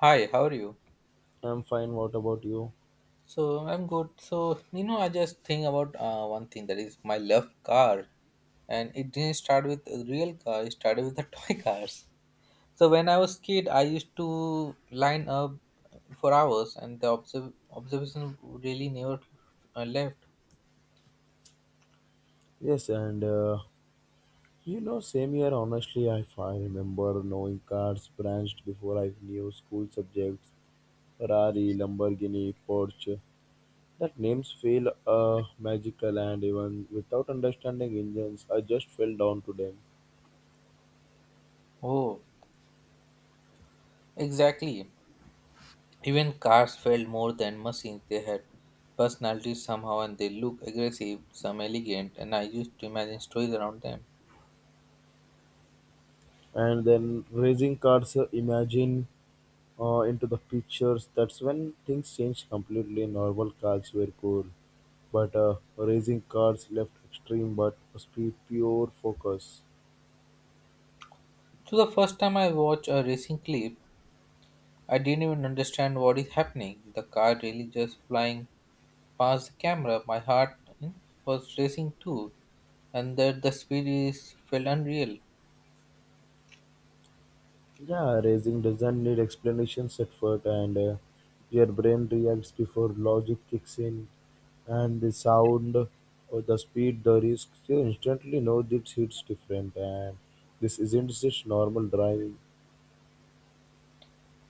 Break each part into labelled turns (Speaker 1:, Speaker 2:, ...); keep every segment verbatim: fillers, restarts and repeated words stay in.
Speaker 1: Hi, how are you?
Speaker 2: I'm fine. What about you?
Speaker 1: So I'm good. So you know, I just think about uh, one thing that is my love car, and it didn't start with a real car. It started with the toy cars. So when I was kid, I used to line up for hours, and the observ- observation really never uh, left.
Speaker 2: Yes, and uh, you know, same year, honestly, I, I remember knowing cars branched before I knew school subjects Ferrari, Lamborghini, Porsche. That names feel uh, magical, and even without understanding engines, I just fell down to them.
Speaker 1: Oh, exactly. Even cars felt more than machines. They had personalities somehow, and they look aggressive, some elegant, and I used to imagine stories around them.
Speaker 2: And then racing cars, uh, imagine uh, into the pictures. That's when things changed completely. Normal cars were cool, but uh, racing cars left extreme but speed pure focus.
Speaker 1: So the first time I watched a racing clip, I didn't even understand what is happening. The car really just flying past the camera. My heart you know, was racing too, and that the speed is felt unreal.
Speaker 2: Yeah, racing doesn't need explanations at first, and uh, your brain reacts before logic kicks in, and the sound or the speed, the risk, you instantly know this hits different, and this isn't just normal driving.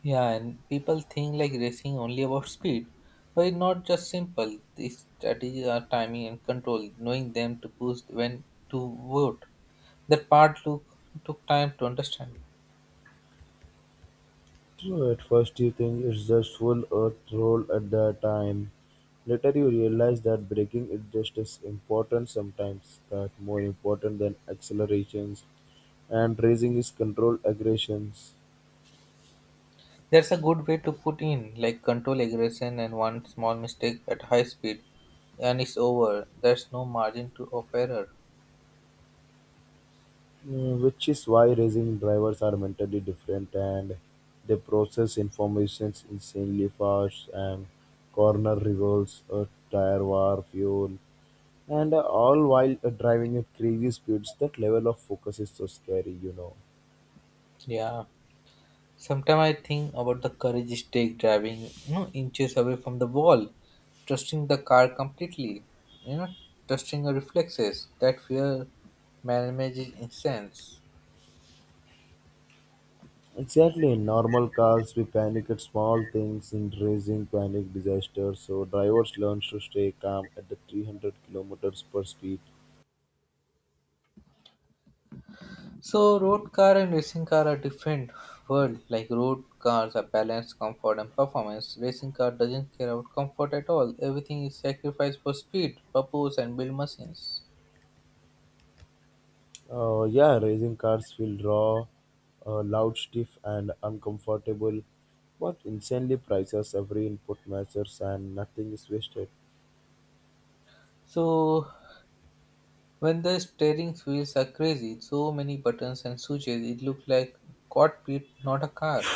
Speaker 1: Yeah, and people think like racing only about speed, but it's not just simple. These strategies are timing and control, knowing them to boost when to vote. That part took took time to understand.
Speaker 2: So at first you think it's just full earth roll at the time. Later you realize that braking is just as important sometimes that more important than accelerations and racing is controlled aggressions.
Speaker 1: That's a good way to put in, like control aggression and one small mistake at high speed, and it's over. There's no margin to of error.
Speaker 2: uh, Which is why racing drivers are mentally different and they process information insanely fast and corner revolves, a tire war, fuel, and uh, all while uh, driving at crazy speeds. That level of focus is so scary, you know.
Speaker 1: Yeah. Sometimes I think about the courage it takes driving, you know, inches away from the wall, trusting the car completely, you know, trusting your reflexes. That fear manages is intense.
Speaker 2: Exactly. In normal cars, we panic at small things. In racing, panic disasters. So drivers learn to stay calm at the three hundred kilometers per speed.
Speaker 1: So, road car and racing car are different world. Like road cars are balance, comfort, and performance. Racing car doesn't care about comfort at all. Everything is sacrificed for speed, purpose, and build machines.
Speaker 2: Uh, yeah, racing cars feel raw, uh, loud, stiff, and uncomfortable, but insanely prices every input matters and nothing is wasted.
Speaker 1: So, when the steering wheels are crazy, so many buttons and switches, it looks like cockpit, not a car.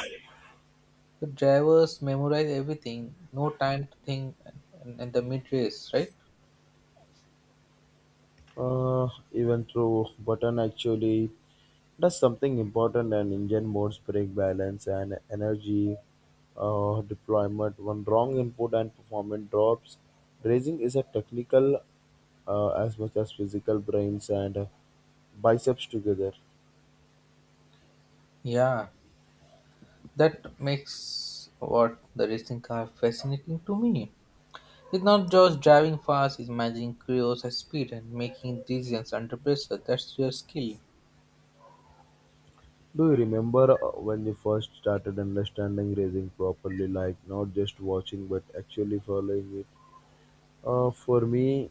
Speaker 1: The drivers memorize everything, no time to think, and, the mid race, right?
Speaker 2: Uh, Even through button actually does something important and engine modes break balance and energy uh, deployment one wrong input and performance drops racing is a technical uh, as much as physical brains and uh, biceps together.
Speaker 1: Yeah, that makes what the racing car fascinating to me. It's not just driving fast, it's managing chaos at speed and making decisions under pressure. That's your skill.
Speaker 2: Do you remember uh, when you first started understanding racing properly, like not just watching but actually following it? Uh, for me,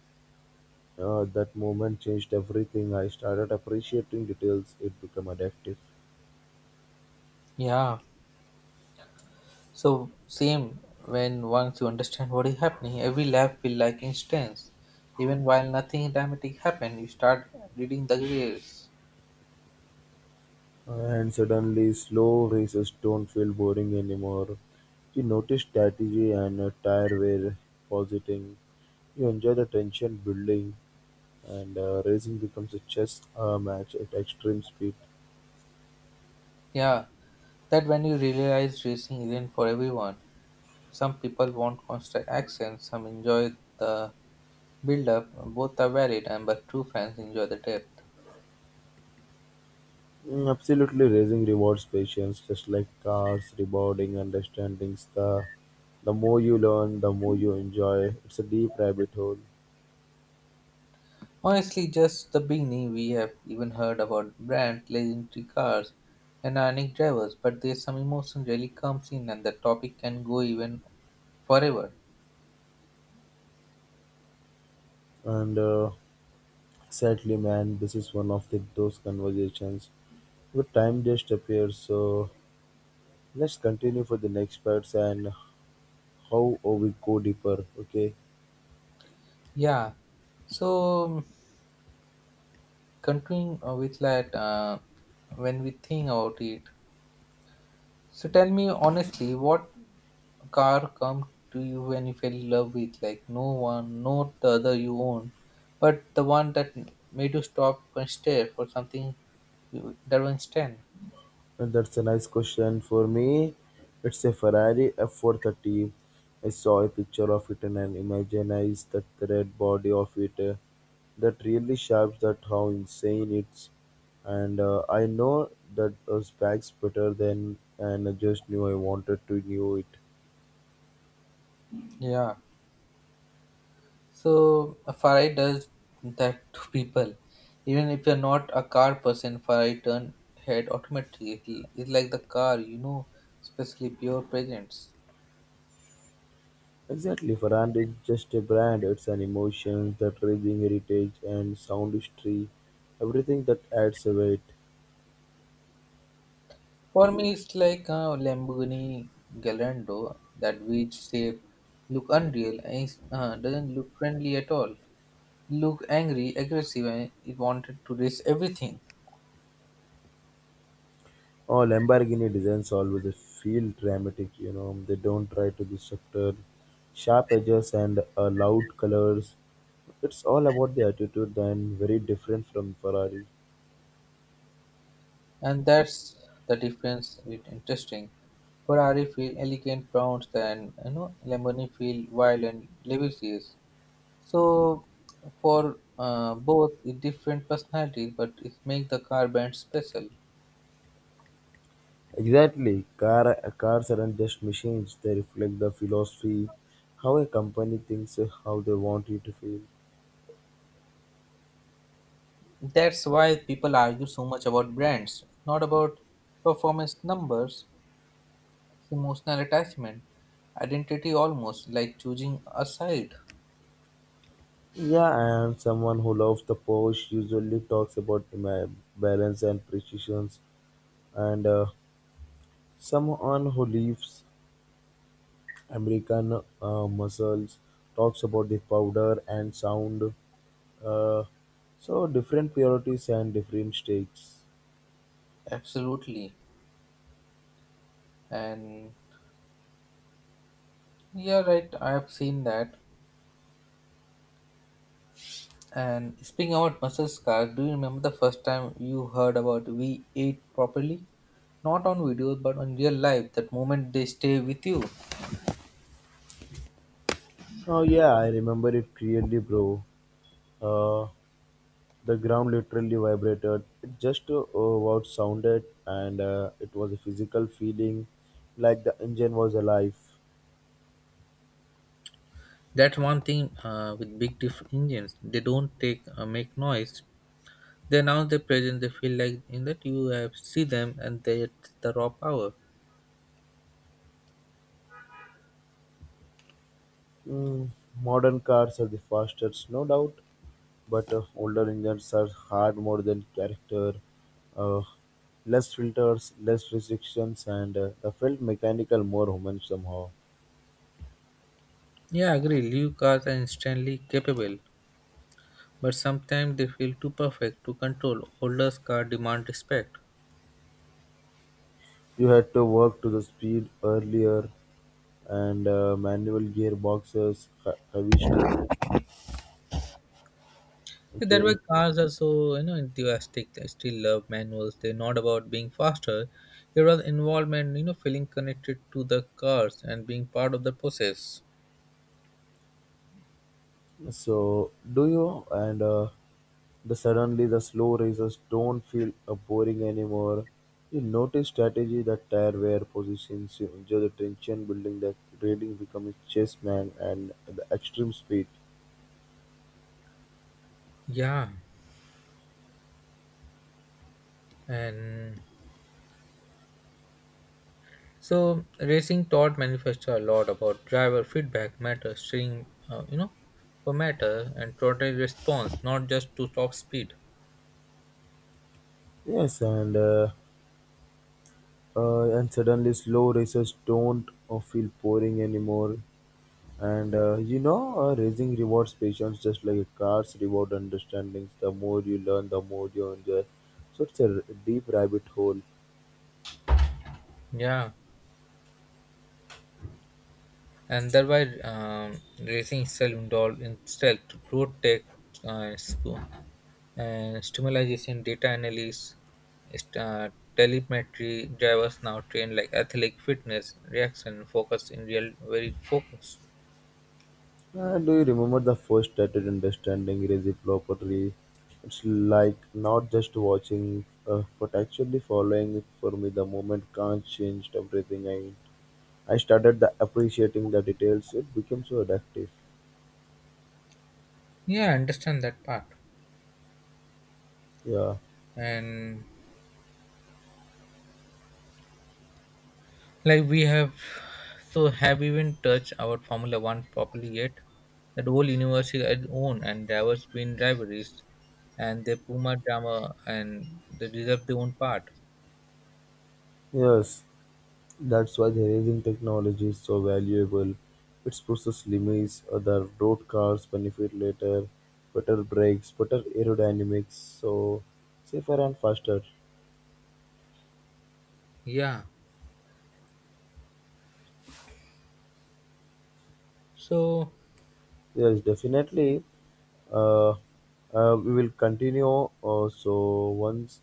Speaker 2: uh, that moment changed everything. I started appreciating details. It became addictive.
Speaker 1: Yeah. So same when once you understand what is happening, every lap feel like instance. Even while nothing dramatic happen, you start reading the gears.
Speaker 2: And suddenly, slow races don't feel boring anymore. You notice strategy and uh, tire wear positing. You enjoy the tension building, and uh, racing becomes a chess uh, match at extreme speed.
Speaker 1: Yeah. That when you realize racing isn't for everyone. Some people want constant action, some enjoy the build up, both are valid and but true fans enjoy the depth.
Speaker 2: Mm, absolutely, racing rewards patience, just like cars, rewarding understanding. The, The more you learn, the more you enjoy. It's a deep rabbit hole.
Speaker 1: Honestly, just the beginning, we have even heard about brand, legendary cars, and ironic drivers, but there's some emotion really comes in, and the topic can go even forever.
Speaker 2: And uh, sadly, man, this is one of the, those conversations. The time just appears so. Let's continue for the next parts and how oh, we go deeper. Okay,
Speaker 1: Yeah. So, um, continuing uh, with that, uh, when we think about it, so tell me honestly, what car come to you when you fell in love with? Like, no one, not the other you own, but the one that made you stop and stare for something you don't stand.
Speaker 2: and that's a nice question for me. It's a Ferrari F four thirty. I saw a picture of it and I imaginized that the red body of it. Uh, that really shapes that how insane it's. And uh, I know that those bags better than, and I just knew I wanted to knew it.
Speaker 1: Yeah. So a Farai does that to people. Even if you're not a car person, Farai turn head automatically. It'll, it's like the car, you know, especially pure presence.
Speaker 2: Exactly, Farhand is just a brand, it's an emotion, that raging heritage and sound history, everything that adds a weight.
Speaker 1: For me, it's like a Lamborghini Gallardo. That weird shape look unreal and it's, uh, doesn't look friendly at all. Look angry, aggressive, and it wanted to race everything.
Speaker 2: Oh, Lamborghini designs always feel dramatic, you know, they don't try to be subtle. Sharp edges and uh, loud colors. It's all about the attitude and very different from Ferrari.
Speaker 1: And that's the difference with interesting. Ferrari feel elegant Browns and you know Lamborghini feel wild and lascivious. So for uh, both it different personalities but it make the car brand special.
Speaker 2: Exactly, car, cars aren't just machines, they reflect the philosophy, how a company thinks, uh, how they want you to feel.
Speaker 1: That's why people argue so much about brands, not about performance numbers, it's emotional attachment, identity almost like choosing a side.
Speaker 2: Yeah, and someone who loves the Porsche usually talks about ma- balance and precision, and uh, someone who lives American uh, muscles talks about the powder and sound. Uh, so different priorities and different stakes.
Speaker 1: Absolutely. And yeah, right, I have seen that. And speaking about muscle scars, do you remember the first time you heard about we ate properly? Not on videos, but on real life. That moment they stay with you.
Speaker 2: Oh yeah, I remember it clearly, bro. Uh, the ground literally vibrated. It just uh, what sounded, and uh, it was a physical feeling, like the engine was alive.
Speaker 1: That's one thing uh, with big diff engines. They don't take uh, make noise. They announce their presence. They feel like in that you have see them and they the raw power.
Speaker 2: Mm, modern cars are the fastest, no doubt, but uh, older engines are hard more than character. Uh, Less filters, less restrictions, and uh, I felt mechanical, more human somehow.
Speaker 1: Yeah, I agree. New cars are instantly capable, but sometimes they feel too perfect to control. Older cars demand respect.
Speaker 2: You had to work to the speed earlier, and uh, manual gearboxes, he- heavy steering.
Speaker 1: That way,
Speaker 2: Okay,
Speaker 1: cars are so you know enthusiastic. I still love manuals. They're not about being faster. They're about involvement. You know, feeling connected to the cars and being part of the process.
Speaker 2: so do you, and uh, the suddenly the slow races don't feel uh, boring anymore. You notice strategy that tire wear positions, you enjoy the tension building, the grading becomes chess man, and the extreme speed.
Speaker 1: Yeah, and so racing taught manifesto a lot about driver feedback matter, steering, uh, you know, for matter and throttle response, not just to top speed.
Speaker 2: Yes, and uh, uh, and suddenly slow races don't uh, feel boring anymore. And uh, you know, uh, racing rewards patience just like a car's reward understandings. The more you learn, the more you enjoy. So it's a r- deep rabbit hole.
Speaker 1: Yeah, and thereby um, racing itself involved itself to road tech uh, sp- and stimulation data analysis st- uh, telemetry drivers now trained like athletic fitness reaction focus in real very focus
Speaker 2: Uh, do you remember the first started understanding reciprocity? It's like not just watching, uh, but actually following it for me. The moment can't changed everything. I, I started the appreciating the details. It became so addictive.
Speaker 1: yeah I understand that part
Speaker 2: Yeah.
Speaker 1: and like we have, so have even touched our Formula One properly yet? That whole universe is its own, and there was been rivalries, and the Puma drama, and they deserve their own part.
Speaker 2: Yes. That's why the racing technology is so valuable. Its process limits other road cars benefit later, better brakes, better aerodynamics, so safer and faster.
Speaker 1: Yeah. So
Speaker 2: Yes, definitely. Uh, uh, we will continue. Uh, so once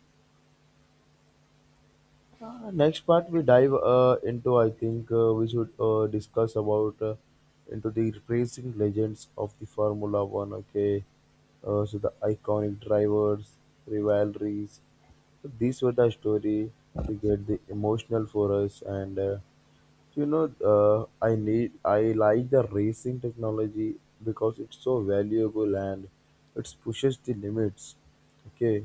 Speaker 2: uh, next part we dive uh, into, I think uh, we should uh, discuss about uh, into the racing legends of the Formula One. Okay, uh, so the iconic drivers, rivalries. So these were the story to get the emotional for us and. Uh, you know, uh, I need I like the racing technology because it's so valuable and it pushes the limits. Okay,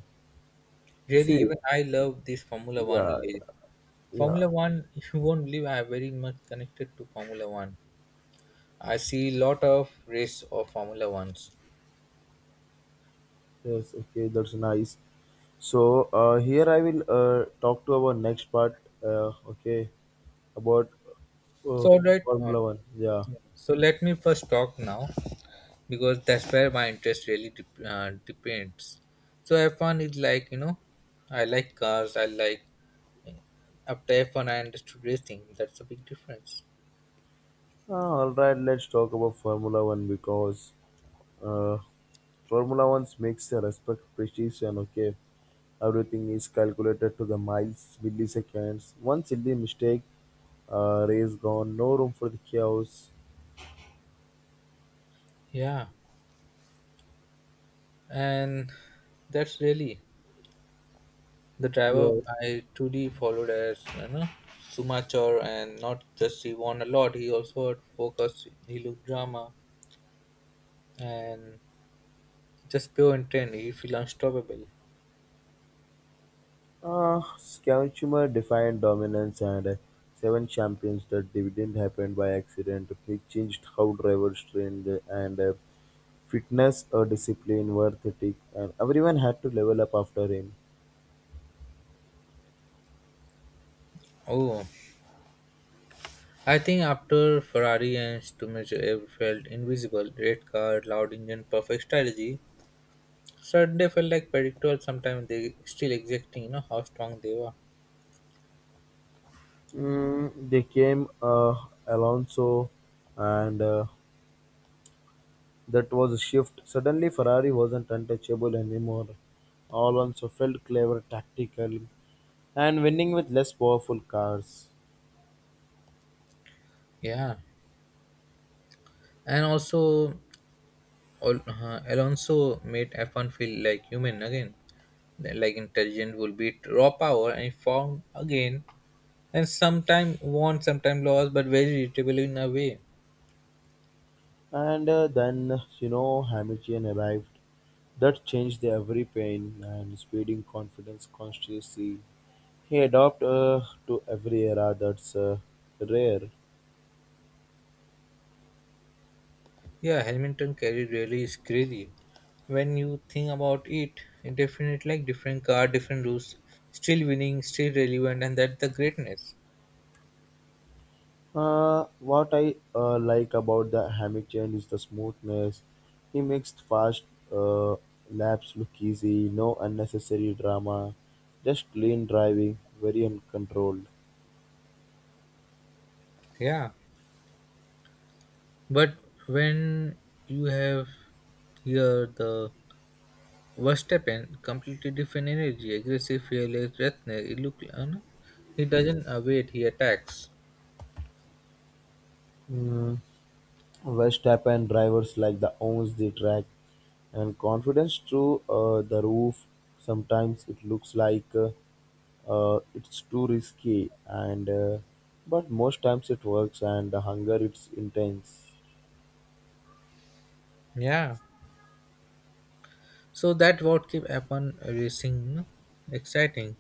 Speaker 1: really,
Speaker 2: see,
Speaker 1: even I love this Formula One.
Speaker 2: yeah,
Speaker 1: League.
Speaker 2: yeah,
Speaker 1: Formula One, if you won't believe, I am very much connected to Formula One. I see lot of race of Formula Ones.
Speaker 2: yes, okay, that's nice. So uh, here I will uh, talk to our next part. Uh, okay, about uh,
Speaker 1: So all right, um,
Speaker 2: Formula One. Yeah.
Speaker 1: so let me first talk now. Because that's where my interest really dep- uh, depends. So F one is like you know, I like cars. I like after F one I understood racing. That's a big difference.
Speaker 2: Ah, all right, let's talk about Formula One because uh, Formula One makes a respect precision. Okay, everything is calculated to the miles, milliseconds. One silly mistake, uh, race gone. No room for the chaos.
Speaker 1: Yeah, and that's really the driver
Speaker 2: Your
Speaker 1: I truly followed as you know Sumachor, and not just he won a lot. He also had focus. He looked drama and just pure intent. He feel unstoppable.
Speaker 2: uh, Schumacher defined dominance and uh, seven champions that didn't happen by accident. He changed how drivers trained and uh, fitness or discipline were the and everyone had to level up after him.
Speaker 1: Oh. I think after Ferrari and Schumacher felt invisible, red car, loud engine, perfect strategy, Sunday felt like predictable. Sometimes they still exacting, you know, how strong they were.
Speaker 2: Mm, they came uh, Alonso, and uh, that was a shift. Suddenly, Ferrari wasn't untouchable anymore. Alonso felt clever, tactical, and winning with less powerful cars.
Speaker 1: Yeah, and also Al- uh, Alonso made F one feel like human again, like intelligent will beat raw power and found again, and sometime won, sometime lost, but very irritable in a way.
Speaker 2: And uh, then, you know, Hamilton arrived. That changed every pain and speeding confidence constancy. He adopted uh, to every era that's uh, rare.
Speaker 1: Yeah, Hamilton carry really is crazy. When you think about it, it definitely like different car, different rules, still winning, still relevant, and that's the greatness.
Speaker 2: Uh, what I uh, like about the hammock chain is the smoothness. He makes fast uh, laps look easy, no unnecessary drama, just clean driving, very uncontrolled.
Speaker 1: Yeah, but when you have here the Verstappen, completely different energy, aggressive, fearless, relentless. It look, uh, no, he doesn't uh, wait. He attacks.
Speaker 2: Mm. Verstappen drivers like the owns the track and confidence through uh, the roof. Sometimes it looks like uh, uh, it's too risky, and uh, but most times it works, and the hunger it's intense.
Speaker 1: Yeah, so that what keep upon racing, you know, exciting.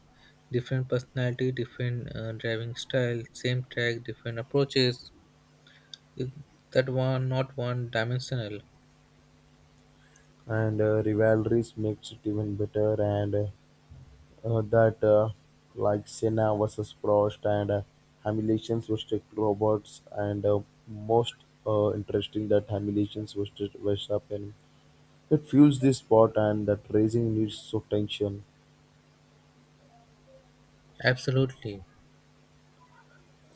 Speaker 1: Different personality, different uh, driving style, same track, different approaches. If that one not one dimensional.
Speaker 2: And uh, rivalries makes it even better. And uh, uh, that uh, like Senna versus Prost and uh, Hamilton's versus Roberts, and uh, most uh, interesting that Hamilton's versus Verstappen. It fuels this sport and that racing needs so tension.
Speaker 1: Absolutely.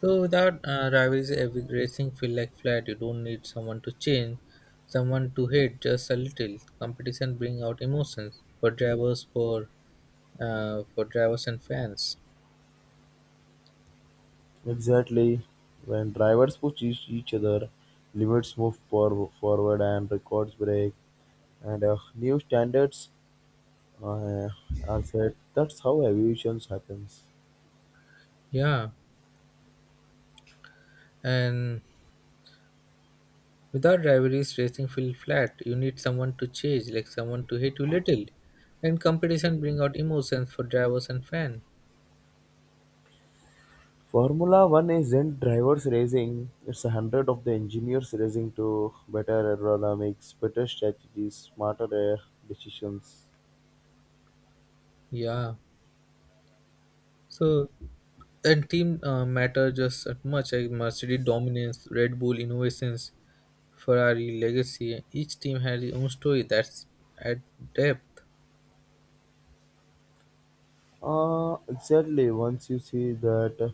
Speaker 1: So without uh, rivalries, every racing feel like flat. You don't need someone to change, someone to hate just a little. Competition bring out emotions for drivers, for uh, for drivers and fans.
Speaker 2: Exactly, when drivers push each, each other, limits move for, forward and records break, and uh, new standards uh, are set. That's how evolution happens.
Speaker 1: Yeah, and without rivalries, racing feels flat. You need someone to chase, like someone to hate you little. And competition bring out emotions for drivers and fans.
Speaker 2: Formula One isn't drivers racing, it's hundreds of the engineers racing to better aerodynamics, better strategies, smarter air decisions.
Speaker 1: Yeah. So and team uh, matter just as much like Mercedes dominance, Red Bull innovations, Ferrari legacy. Each team has its own story that's at depth.
Speaker 2: Uh, exactly, once you see that uh,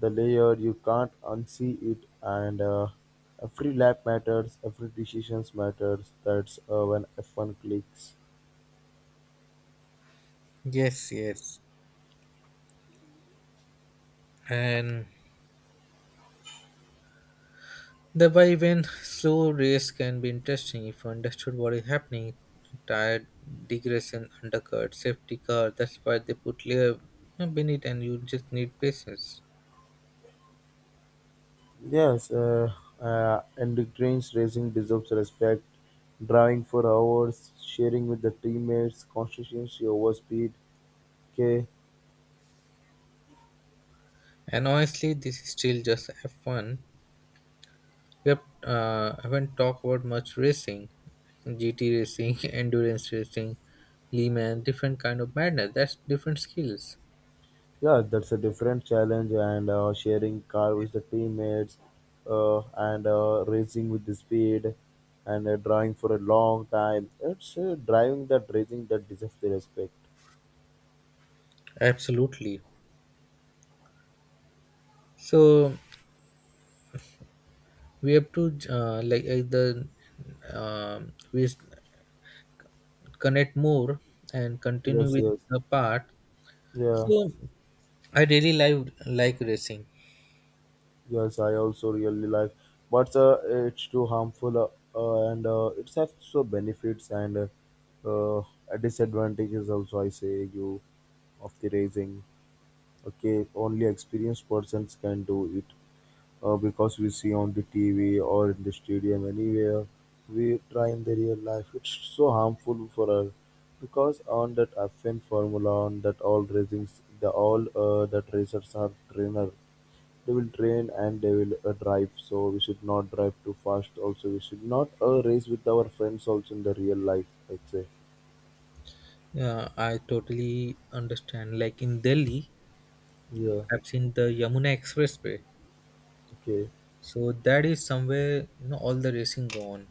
Speaker 2: the layer, you can't unsee it, and uh, every lap matters, every decision matters. That's uh, when F one clicks.
Speaker 1: Yes, yes. And the by when slow race can be interesting if you understood what is happening. Tired, digression, undercut, safety car. That's why they put layer beneath, and you just need patience.
Speaker 2: Yes, uh, uh, and the trains racing deserves respect. Driving for hours, sharing with the teammates, consistency over speed. Okay,
Speaker 1: And honestly, this is still just F one. We have, uh, haven't talked about much racing, G T racing, endurance racing, Le Mans, different kind of madness. That's different skills.
Speaker 2: yeah, that's a different challenge, and uh, sharing car with the teammates, uh, and uh, racing with the speed, and uh, driving for a long time. It's uh, driving that racing that deserves the respect.
Speaker 1: Absolutely. So we have to uh, like uh, the um, we connect more and continue
Speaker 2: Yes,
Speaker 1: with
Speaker 2: yes,
Speaker 1: the part.
Speaker 2: yeah,
Speaker 1: So I really like like racing.
Speaker 2: yes. I also really like, but uh, it's too harmful, uh, uh, and uh, it has so benefits and uh, uh, disadvantages also. I say you of the racing. Okay, only experienced persons can do it. Uh, because we see on the T V or in the stadium anywhere we try in the real life. It's so harmful for us because on that F one formula, on that all racings, the all uh, that racers are trainer. They will train and they will uh, drive. So we should not drive too fast. Also, we should not uh, race with our friends. Also in the real life, I'd say.
Speaker 1: Yeah, I totally understand. Like in Delhi,
Speaker 2: Yeah.
Speaker 1: I've seen the Yamuna Expressway.
Speaker 2: Okay.
Speaker 1: So that is somewhere you know all the racing go on.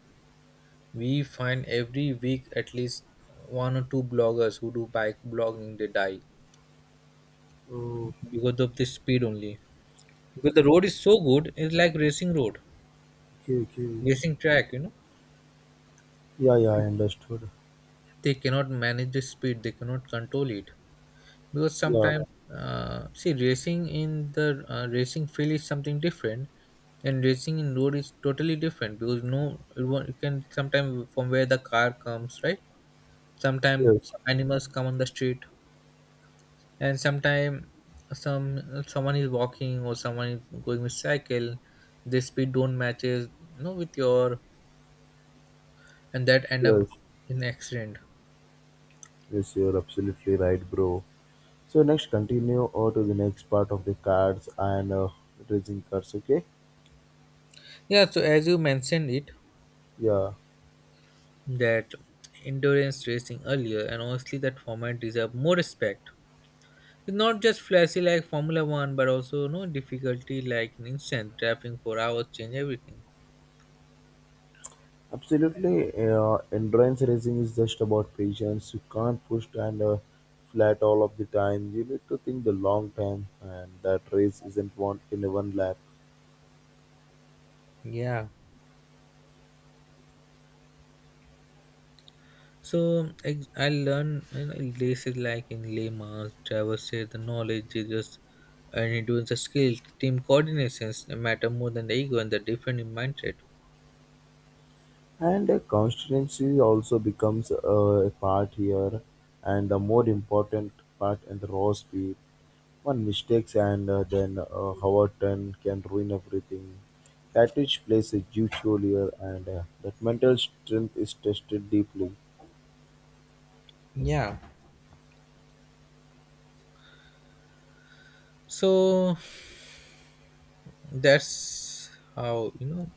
Speaker 1: We find every week at least one or two bloggers who do bike blogging. They die
Speaker 2: Oh.
Speaker 1: because of this speed only. Because the road is so good, it's like racing road,
Speaker 2: Okay. Okay.
Speaker 1: racing track. You know,
Speaker 2: Yeah. Yeah. I understood.
Speaker 1: they cannot manage the speed. They cannot control it. Because
Speaker 2: Yeah.
Speaker 1: sometimes uh, see racing in the uh, racing field is something different and racing in road is totally different because no it won't, you can sometimes from where the car comes right
Speaker 2: Yes.
Speaker 1: sometimes animals come on the street and sometimes some someone is walking or someone is going with cycle the speed don't matches you know with your and that end up
Speaker 2: Yes.
Speaker 1: in accident
Speaker 2: Yes. You're absolutely right, bro. So next, continue over to the next part of the cards and uh, racing cars. Okay,
Speaker 1: yeah so as you mentioned it
Speaker 2: yeah,
Speaker 1: that endurance racing earlier, and honestly, that format deserve more respect. It's not just flashy like Formula One, but also no difficulty like in instant driving for hours change everything.
Speaker 2: absolutely. Uh, endurance racing is just about patience. You can't push and uh, flat all of the time. You need to think the long time, and that race isn't won in one lap.
Speaker 1: Yeah. So ex- I learn you know, races like in Le Mans, drivers share the knowledge is just and endurance a skill, team coordinations matter more than the ego and the different in mindset.
Speaker 2: And uh, consistency also becomes uh, a part here, and the more important part in the raw speed. One mistakes and uh, then uh, Howerton can ruin everything. Cattage plays a huge role here, and uh, that mental strength is tested deeply.
Speaker 1: Yeah. So that's how you know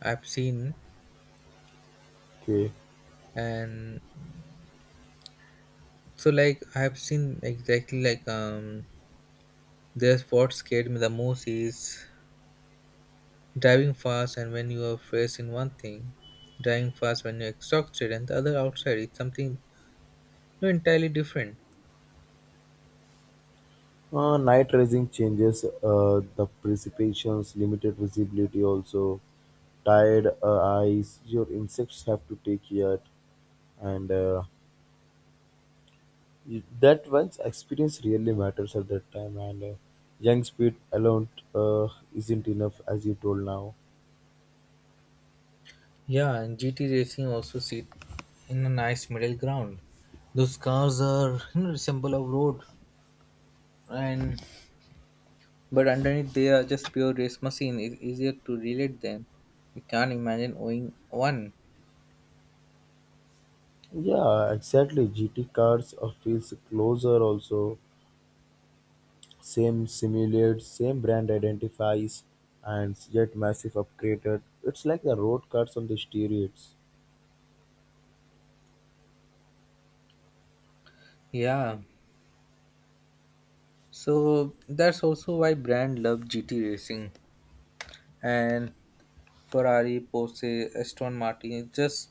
Speaker 1: I've seen
Speaker 2: Okay.
Speaker 1: and so like I have seen exactly like um there's what scared me the most is driving fast and when you are faced in one thing, driving fast when you're exhausted and the other outside it's something no entirely different.
Speaker 2: Uh, night rising changes uh, the precipitations, limited visibility also, tired uh, eyes, your insects have to take yet, and uh, y- that one's experience really matters at that time, and uh, young speed alone uh, isn't enough as you told now.
Speaker 1: Yeah, and G T racing also sit in a nice middle ground. Those cars are you know symbol of road and but underneath they are just pure race machine. It's easier to relate them. You can't imagine owning one.
Speaker 2: Yeah, exactly. G T cars uh, feels closer also. Same simulates, same brand identifies, and yet massive upgraded. It's like the road cars on the steroids.
Speaker 1: Yeah, so that's also why brand love G T racing and Ferrari, Porsche, Aston Martin is just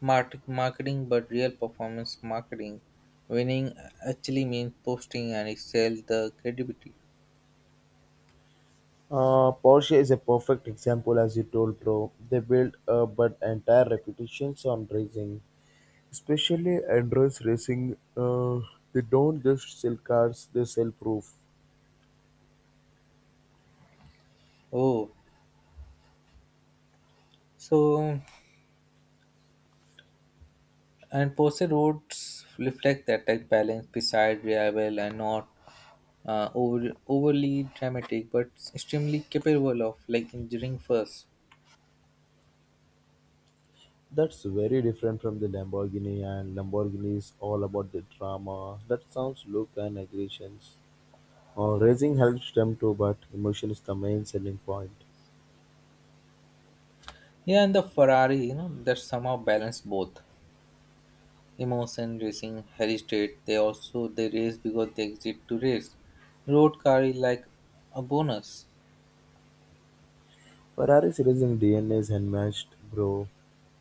Speaker 1: mart- marketing but real performance marketing. Winning actually means posting and excel the credibility.
Speaker 2: Uh, Porsche is a perfect example, as you told, bro. They built uh, but entire reputations on racing, especially endurance racing. Uh, they don't just sell cars; they sell proof.
Speaker 1: Oh, so and Porsche roads reflect that tech balance beside reliable and not uh, over, overly dramatic but extremely capable of like engineering first.
Speaker 2: That's very different from the Lamborghini, and Lamborghini is all about the drama. That sounds look and aggressions. Uh, racing helps them too, but emotion is the main selling point.
Speaker 1: Yeah, and the Ferrari, you know, that somehow balance both emotion racing, heritage. They also they race because they exist to race. Road car is like a bonus.
Speaker 2: Ferrari's racing D N A is unmatched, bro.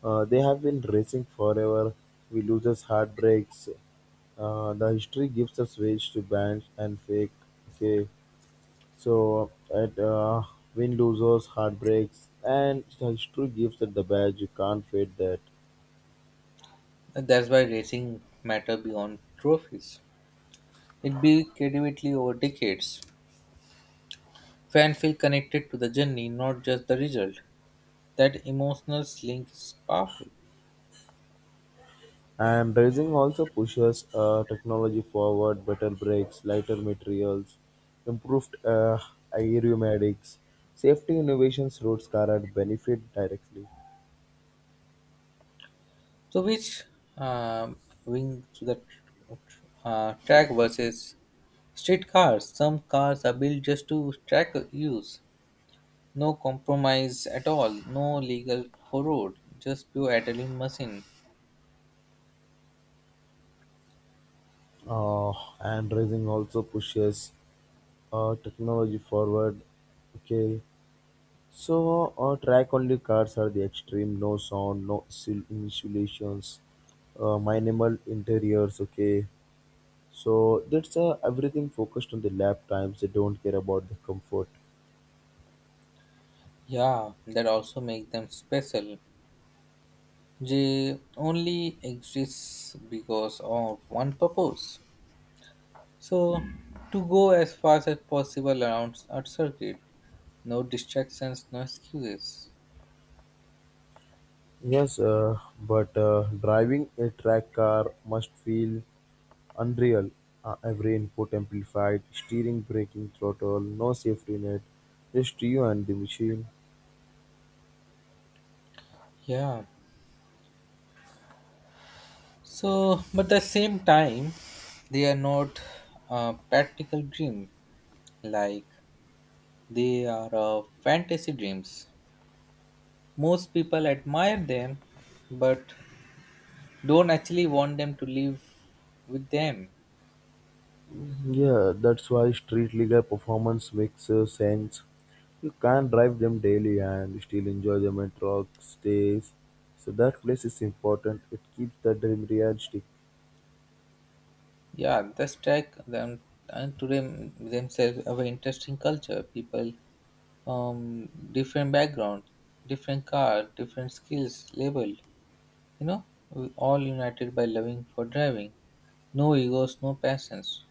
Speaker 2: Uh, they have been racing forever. We lose us heartbreaks. Uh, the history gives us ways to bend and fake. Okay, so at uh, win losers, heartbreaks, and the history gives us the badge. You can't fade that.
Speaker 1: And that's why racing matter beyond trophies. It built creativity over decades. Fan feel connected to the journey, not just the result. That emotional link is powerful.
Speaker 2: And racing also pushes uh, technology forward, better brakes, lighter materials, improved uh, aeromatics, safety innovations roads car at benefit directly.
Speaker 1: So, which um wing to the tr- uh, track versus street cars? Some cars are built just to track use, no compromise at all, no legal road, just pure adrenaline machine.
Speaker 2: Uh, and racing also pushes uh, technology forward. Okay, so uh, track only cars are the extreme, no sound, no sil- insulations, uh, minimal interiors. Okay, so that's uh, everything focused on the lap times. They don't care about the comfort.
Speaker 1: Yeah, that also make them special. They only exists because of one purpose. So, to go as fast as possible around our circuit, no distractions, no excuses.
Speaker 2: Yes, uh, but uh, driving a track car must feel unreal. Uh, every input amplified, steering, braking, throttle, no safety net, just you and the machine.
Speaker 1: Yeah, so, but at the same time, they are not uh, practical dream like they are uh, fantasy dreams. Most people admire them, but don't actually want them to live with them.
Speaker 2: Yeah, that's why street legal performance makes uh, sense. You can drive them daily and still enjoy them at rock stays. So that place is important. It keeps the dream realistic,
Speaker 1: Yeah, that's take them and to them themselves a very interesting culture. People from different background, different car, different skills, labeled. You know, all united by loving for driving. No egos, no passions.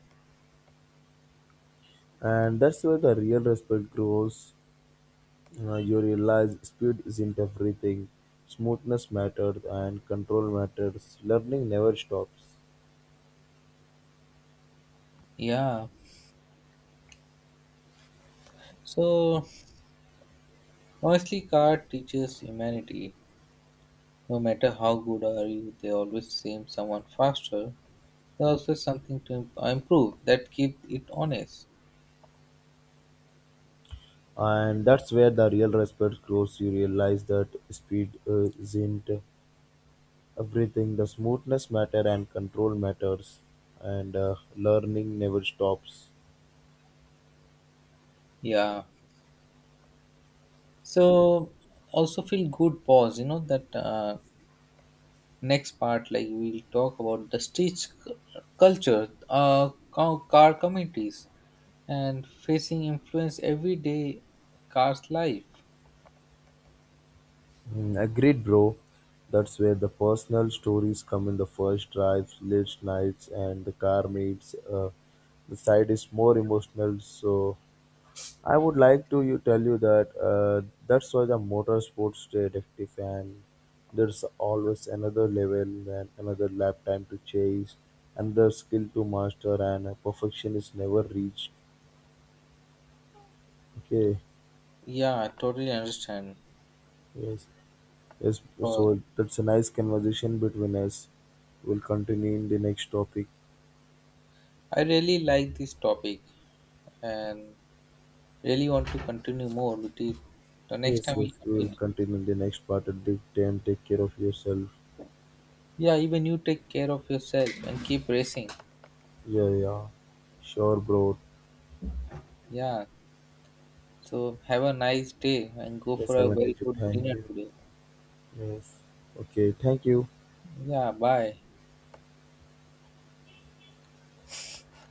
Speaker 2: and that's where the real respect grows. Uh, you realize speed isn't everything. Smoothness matters and control matters. Learning never stops.
Speaker 1: Yeah. So honestly, car teaches humanity. No matter how good are you, they always seem someone faster. There's always something to imp- improve that keep it honest.
Speaker 2: And that's where the real respect grows. You realize that speed uh, isn't everything. The smoothness matter and control matters. And uh, learning never stops.
Speaker 1: Yeah. So also feel good pause. You know that uh, next part, like we'll talk about the street cu- culture, uh, co- car communities, and facing influence every day, cars life.
Speaker 2: Mm, agreed, bro. That's where the personal stories come in the first drives, late nights, and the car meets. Uh, the side is more emotional, so I would like to you tell you that uh, that's why the motorsports detective fan. There's always another level and another lap time to chase, another skill to master, and uh, perfection is never reached. Okay,
Speaker 1: Yeah, I totally understand.
Speaker 2: yes, yes.
Speaker 1: But
Speaker 2: So that's a nice conversation between us. We'll continue in the next topic.
Speaker 1: I really like this topic and really want to continue more with it. The next
Speaker 2: Yes,
Speaker 1: time
Speaker 2: yes.
Speaker 1: we'll
Speaker 2: We'll
Speaker 1: continue.
Speaker 2: continue in the next part. At the time, take care of yourself.
Speaker 1: Yeah, even you take care of yourself and keep racing.
Speaker 2: Yeah, yeah. Sure, bro.
Speaker 1: Yeah. So have a nice day and go for
Speaker 2: Yes, I
Speaker 1: a
Speaker 2: wanted
Speaker 1: very
Speaker 2: to
Speaker 1: good
Speaker 2: thank
Speaker 1: dinner
Speaker 2: you.
Speaker 1: today.
Speaker 2: Yes. Okay, thank you.
Speaker 1: Yeah, bye.